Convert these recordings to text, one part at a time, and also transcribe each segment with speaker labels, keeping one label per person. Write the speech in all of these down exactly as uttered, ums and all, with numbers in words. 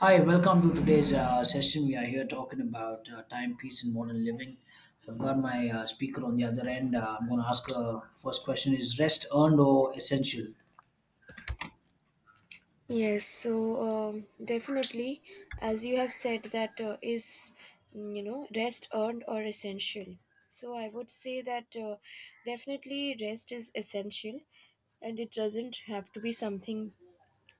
Speaker 1: Hi, welcome to today's uh, session. We are here talking about uh, timepiece and modern living. So I've got my uh, speaker on the other end. Uh, I'm going to ask a first question. Is rest earned or essential?
Speaker 2: Yes, so um, definitely, as you have said, that uh, is, mm, you know, rest earned or essential. So I would say that uh, definitely rest is essential and it doesn't have to be something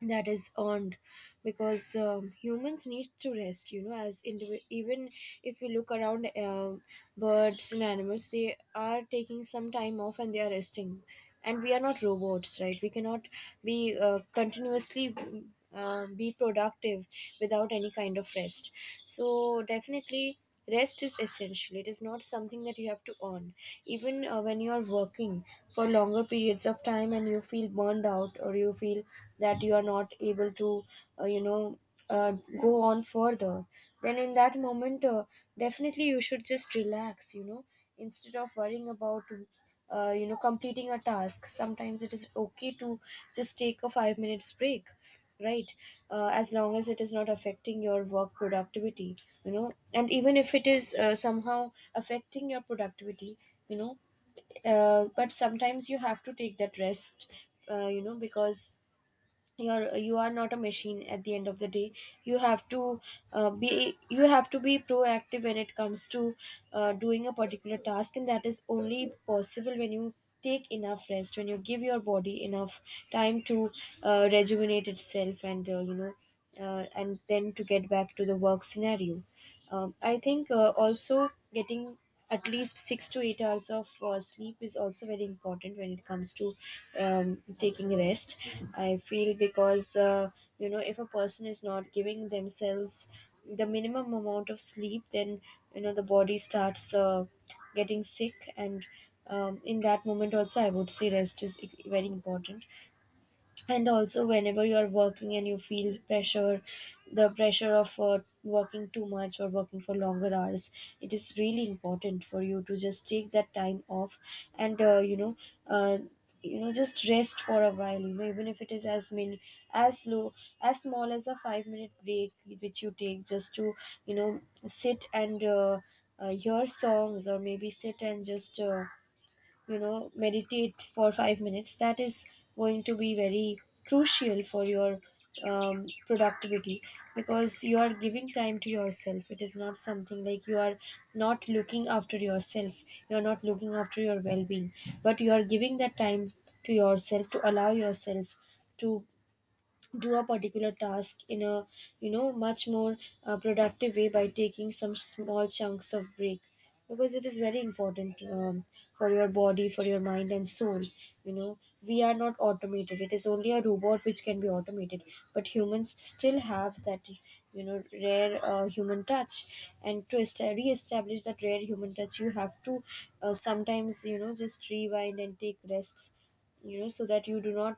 Speaker 2: that is earned because um, humans need to rest, you know, as indivi- even if you look around, uh, birds and animals, they are taking some time off and they are resting. And we are not robots, right? We cannot be uh, continuously uh, be productive without any kind of rest. So definitely rest is essential. It is not something that you have to earn. Even uh, when you are working for longer periods of time and you feel burned out or you feel that you are not able to, uh, you know, uh, go on further, then in that moment, uh, definitely you should just relax, you know, instead of worrying about uh, you know completing a task. Sometimes it is okay to just take a five minutes break, right? Uh, as long as it is not affecting your work productivity, you know and even if it is uh, somehow affecting your productivity you know uh, but sometimes you have to take that rest, uh, you know because you're you are not a machine at the end of the day. You have to uh, be you have to be proactive when it comes to uh, doing a particular task, and that is only possible when you take enough rest, when you give your body enough time to uh, rejuvenate itself and uh, you know uh, and then to get back to the work scenario. um, I think uh, also getting at least six to eight hours of uh, sleep is also very important when it comes to um, taking rest. I feel because uh, you know if a person is not giving themselves the minimum amount of sleep, then you know the body starts uh, getting sick, and um, in that moment also, I would say rest is e-, very important. And also, whenever you are working and you feel pressure, the pressure of uh, working too much or working for longer hours, it is really important for you to just take that time off and uh, you know uh, you know just rest for a while, you know, even if it is as many as low as small as a five minute break, which you take just to you know sit and uh, uh, hear songs, or maybe sit and just uh, you know meditate for five minutes. That is going to be very crucial for your um, productivity, because you are giving time to yourself. It is not something like you are not looking after yourself, you are not looking after your well-being, but you are giving that time to yourself to allow yourself to do a particular task in a, you know, much more uh, productive way by taking some small chunks of break, because it is very important, um, for your body, for your mind and soul. You know, we are not automated. It is only a robot which can be automated, but humans still have that, you know, rare uh, human touch, and to est- re-establish that rare human touch you have to uh, sometimes, you know, just rewind and take rests, you know, so that you do not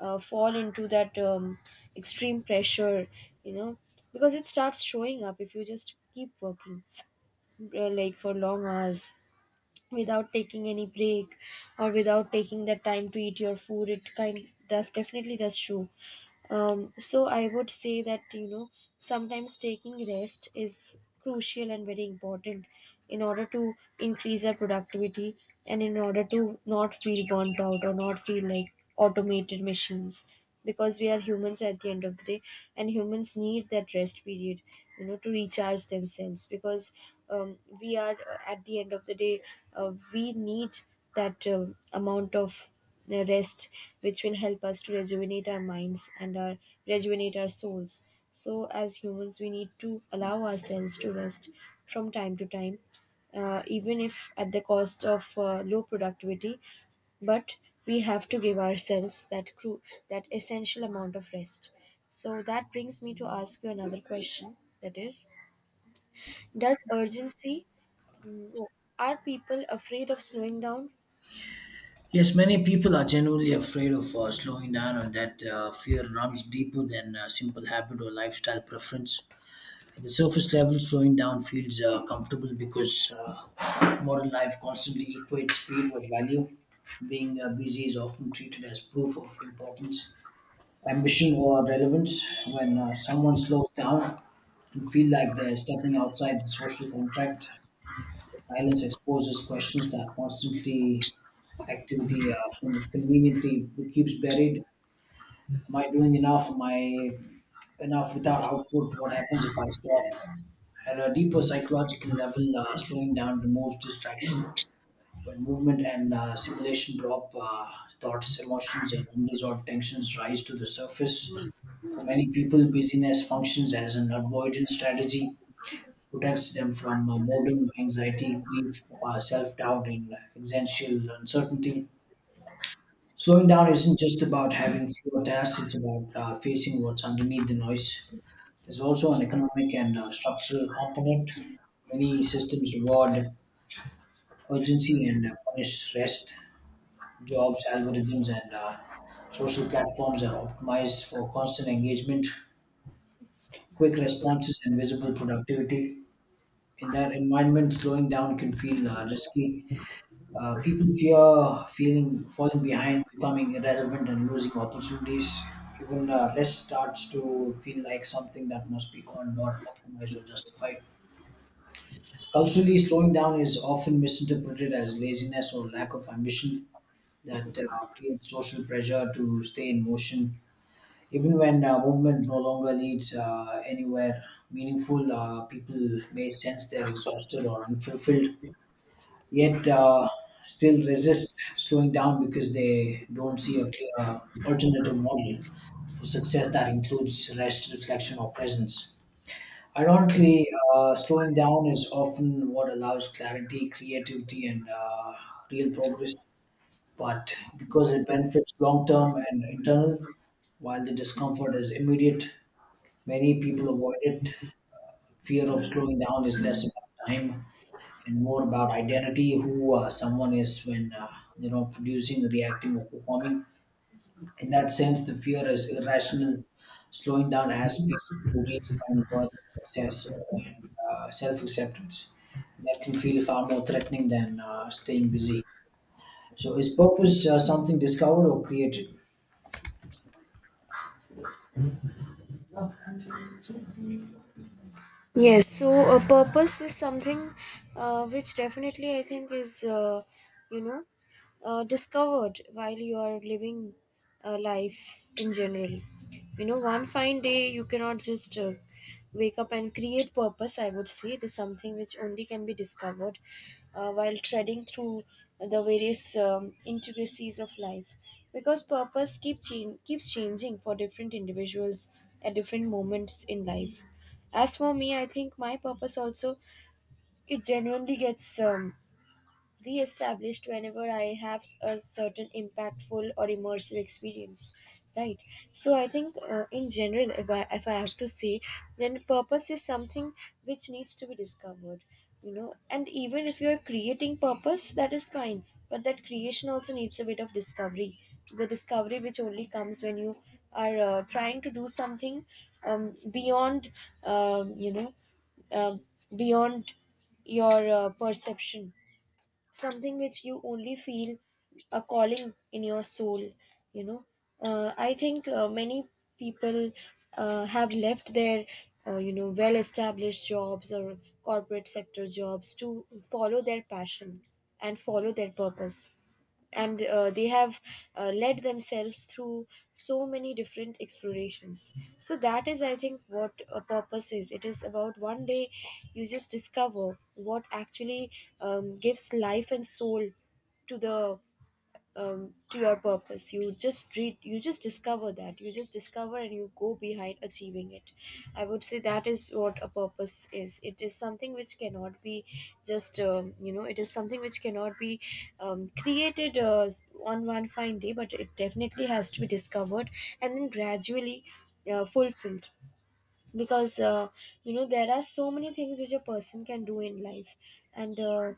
Speaker 2: uh, fall into that um, extreme pressure, you know, because it starts showing up if you just keep working uh, like for long hours without taking any break, or without taking the time to eat your food. It kind def- definitely does show. Um, so I would say that, you know, sometimes taking rest is crucial and very important in order to increase our productivity, and in order to not feel burnt out or not feel like automated machines, because we are humans at the end of the day, and humans need that rest period, you know, to recharge themselves. Because um, we are uh, at the end of the day, uh, we need that um amount of the rest which will help us to rejuvenate our minds and our, rejuvenate our souls. So as humans we need to allow ourselves to rest from time to time, uh, even if at the cost of uh, low productivity, but we have to give ourselves that cru- that essential amount of rest. So that brings me to ask you another question, that is, does urgency no, are people afraid of slowing down?
Speaker 1: Yes, many people are genuinely afraid of uh, slowing down, and that uh, fear runs deeper than a simple habit or lifestyle preference. At the surface level, slowing down feels uh, comfortable because uh, modern life constantly equates speed with value. Being uh, busy is often treated as proof of importance, ambition, or relevance. When uh, someone slows down and feel like they're stepping outside the social contract, silence exposes questions that constantly activity uh, con- conveniently keeps buried. Am I doing enough? Am I enough without output? What happens if I stop? At a deeper psychological level, uh, slowing down removes distraction. When movement and uh, simulation drop, uh, thoughts, emotions, and unresolved tensions rise to the surface. For many people, busyness functions as an avoidance strategy, protects them from uh, boredom, anxiety, grief, uh, self-doubt, and existential uncertainty. Slowing down isn't just about having fewer tasks; it's about uh, facing what's underneath the noise. There's also an economic and uh, structural component. Many systems reward urgency and uh, punish rest. Jobs, algorithms, and uh, social platforms are optimized for constant engagement, quick responses, and visible productivity. In that environment, slowing down can feel uh, risky. Uh, people fear feeling falling behind, becoming irrelevant, and losing opportunities. Even uh, rest starts to feel like something that must be earned, not optimized or justified. Culturally, slowing down is often misinterpreted as laziness or lack of ambition that uh, creates social pressure to stay in motion. Even when uh, movement no longer leads uh, anywhere meaningful, uh, people may sense they're exhausted or unfulfilled, yet uh, still resist slowing down because they don't see a clear uh, alternative model for success that includes rest, reflection, or presence. Ironically, uh, slowing down is often what allows clarity, creativity, and uh, real progress, but because it benefits long term and internal, while the discomfort is immediate, many people avoid it. Fear of slowing down is less about time and more about identity, who uh, someone is when uh, you know producing, reacting, or performing. In that sense, the fear is irrational, slowing down as people who redefine worth, success, and uh, self-acceptance. That can feel far more threatening than uh, staying busy. So, is purpose uh, something discovered or created?
Speaker 2: Yes, so a purpose is something uh, which definitely I think is, uh, you know, uh, discovered while you are living uh, life in general. You know, one fine day you cannot just uh, wake up and create purpose, I would say. It is something which only can be discovered uh, while treading through the various um, intricacies of life. Because purpose keep chan- keeps changing for different individuals at different moments in life. As for me, I think my purpose also, it genuinely gets um, re-established whenever I have s- a certain impactful or immersive experience, right? So I think uh, in general, if I if I have to say, then purpose is something which needs to be discovered, you know. And even if you are creating purpose, that is fine, but that creation also needs a bit of discovery. The discovery which only comes when you are uh, trying to do something um, beyond, um, you know uh, beyond your uh, perception, something which you only feel a calling in your soul. You know, uh, I think uh, many people uh, have left their uh, you know well established jobs or corporate sector jobs to follow their passion and follow their purpose, and uh, they have uh, led themselves through so many different explorations. So that is, I think, what a purpose is. It is about one day you just discover what actually um, gives life and soul to the um, to your purpose. You just read, you just discover that, you just discover and you go behind achieving it. I would say that is what a purpose is. It is something which cannot be just um, you know it is something which cannot be um, created uh, on one fine day, but it definitely has to be discovered and then gradually uh, fulfilled. Because uh, you know there are so many things which a person can do in life, and uh,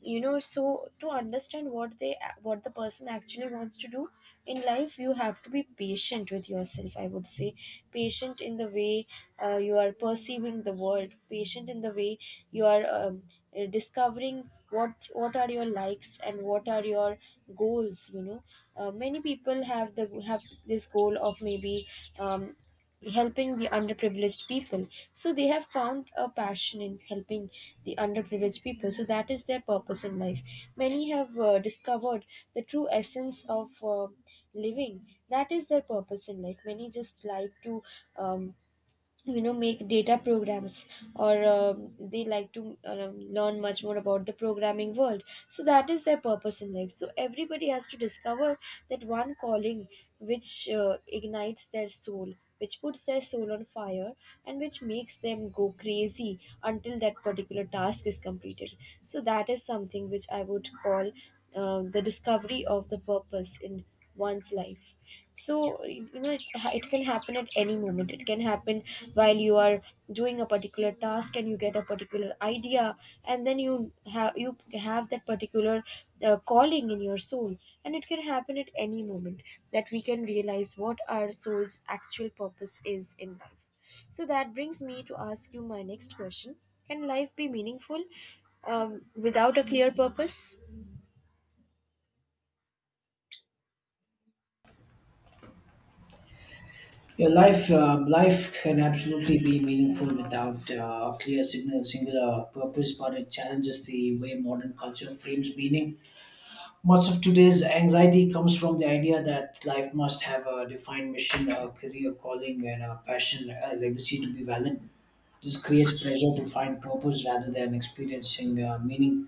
Speaker 2: you know so to understand what they, what the person actually wants to do in life, you have to be patient with yourself, I would say. Patient in the way uh, you are perceiving the world, patient in the way you are um, uh, discovering what what are your likes and what are your goals. You know, uh, many people have the have this goal of maybe um, helping the underprivileged people, so they have found a passion in helping the underprivileged people, so that is their purpose in life. Many have uh, discovered the true essence of uh, living, that is their purpose in life. Many just like to um, you know make data programs, or um, they like to um, learn much more about the programming world, so that is their purpose in life. So everybody has to discover that one calling which uh, ignites their soul, which puts their soul on fire, and which makes them go crazy until that particular task is completed. So that is something which I would call uh, the discovery of the purpose in one's life. So, you know, it, it can happen at any moment. It can happen while you are doing a particular task and you get a particular idea, and then you have you have that particular uh, calling in your soul, and it can happen at any moment, that we can realize what our soul's actual purpose is in life. So that brings me to ask you my next question. Can life be meaningful um, without a clear purpose?
Speaker 1: Your life, um, life can absolutely be meaningful without uh, a clear signal, singular purpose, but it challenges the way modern culture frames meaning. Much of today's anxiety comes from the idea that life must have a defined mission, a career calling, and a passion, a legacy to be valid. This creates pressure to find purpose rather than experiencing uh, meaning.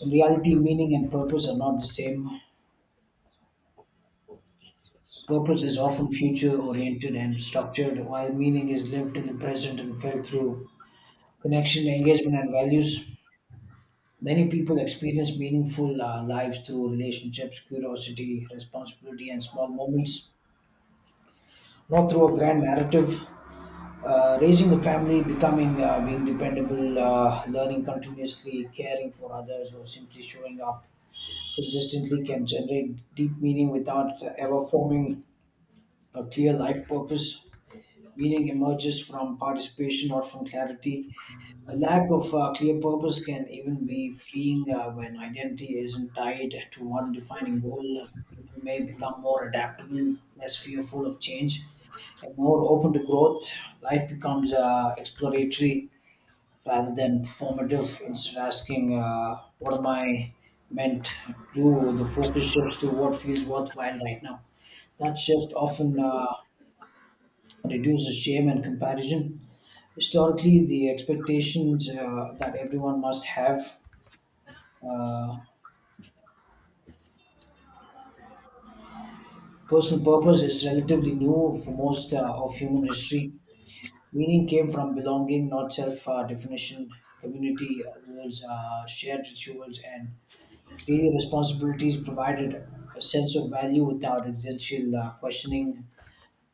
Speaker 1: In reality, meaning and purpose are not the same. Purpose is often future oriented and structured, while meaning is lived in the present and felt through connection, engagement, and values. Many people experience meaningful uh, lives through relationships, curiosity, responsibility, and small moments, not through a grand narrative. Uh, raising a family, becoming, uh, being dependable, uh, learning continuously, caring for others, or simply showing up consistently can generate deep meaning without ever forming a clear life purpose. Meaning emerges from participation, not from clarity. A lack of uh, clear purpose can even be freeing uh, when identity isn't tied to one defining goal. People may become more adaptable, less fearful of change, and more open to growth. Life becomes uh, exploratory rather than formative. Instead of asking, uh, what am I meant to do, the focus shifts to what feels worthwhile right now. That shift often uh, reduces shame and comparison. Historically, the expectations uh, that everyone must have uh, personal purpose is relatively new. For most uh, of human history, meaning came from belonging, not self uh, definition. Community was uh, shared rituals, and daily responsibilities provided a sense of value without existential uh, questioning.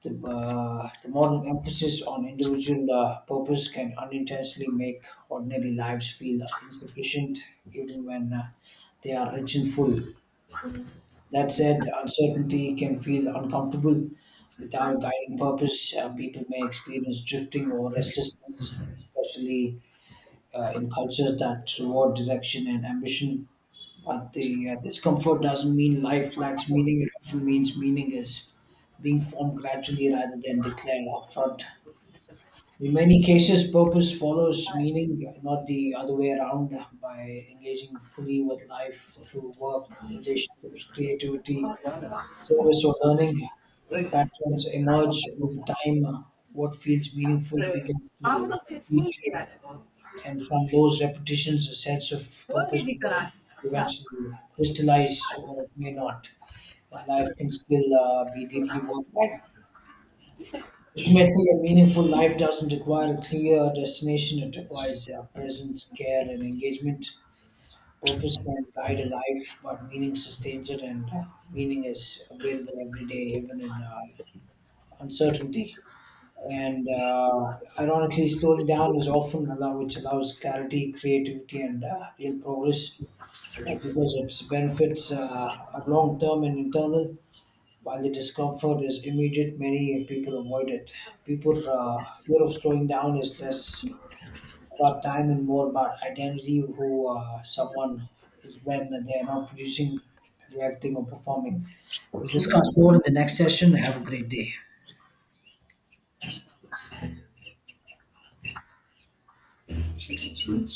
Speaker 1: The, uh, the modern emphasis on individual uh, purpose can unintentionally make ordinary lives feel insufficient, even when uh, they are rich and full. That said, uncertainty can feel uncomfortable without a guiding purpose. Uh, people may experience drifting or restlessness, especially uh, in cultures that reward direction and ambition. But the uh, discomfort doesn't mean life lacks meaning. It often means meaning is being formed gradually rather than declared upfront. In many cases, purpose follows meaning, not the other way around. By engaging fully with life through work, relationships, creativity, service, or learning, patterns emerge with time. uh, What feels meaningful
Speaker 2: Evet.
Speaker 1: begins
Speaker 2: Ben
Speaker 1: to
Speaker 2: buradan festivale
Speaker 1: repeat,
Speaker 2: geldim.
Speaker 1: and from those repetitions, a sense of
Speaker 2: Böyle
Speaker 1: purpose
Speaker 2: bir
Speaker 1: will
Speaker 2: garanti. Sen.
Speaker 1: eventually crystallize,
Speaker 2: Harika.
Speaker 1: or it may not. And
Speaker 2: Bak,
Speaker 1: life
Speaker 2: evet.
Speaker 1: can still uh, be deeply
Speaker 2: Garanti.
Speaker 1: worthwhile. Ultimately, a meaningful life doesn't require a clear destination. It requires uh, presence, care, and engagement. Purpose can guide a life, but meaning sustains it, and uh, meaning is available every day, even in uh, uncertainty. And uh, ironically, slowing down is often allow which allows clarity, creativity, and uh, real progress, uh, because its benefits uh, are long term and internal, while the discomfort is immediate, many people avoid it. People, uh, fear of slowing down is less about time and more about identity, who uh, someone is when they are not producing, reacting, or performing. We'll discuss more in the next session. Have a great day.
Speaker 2: Şimdi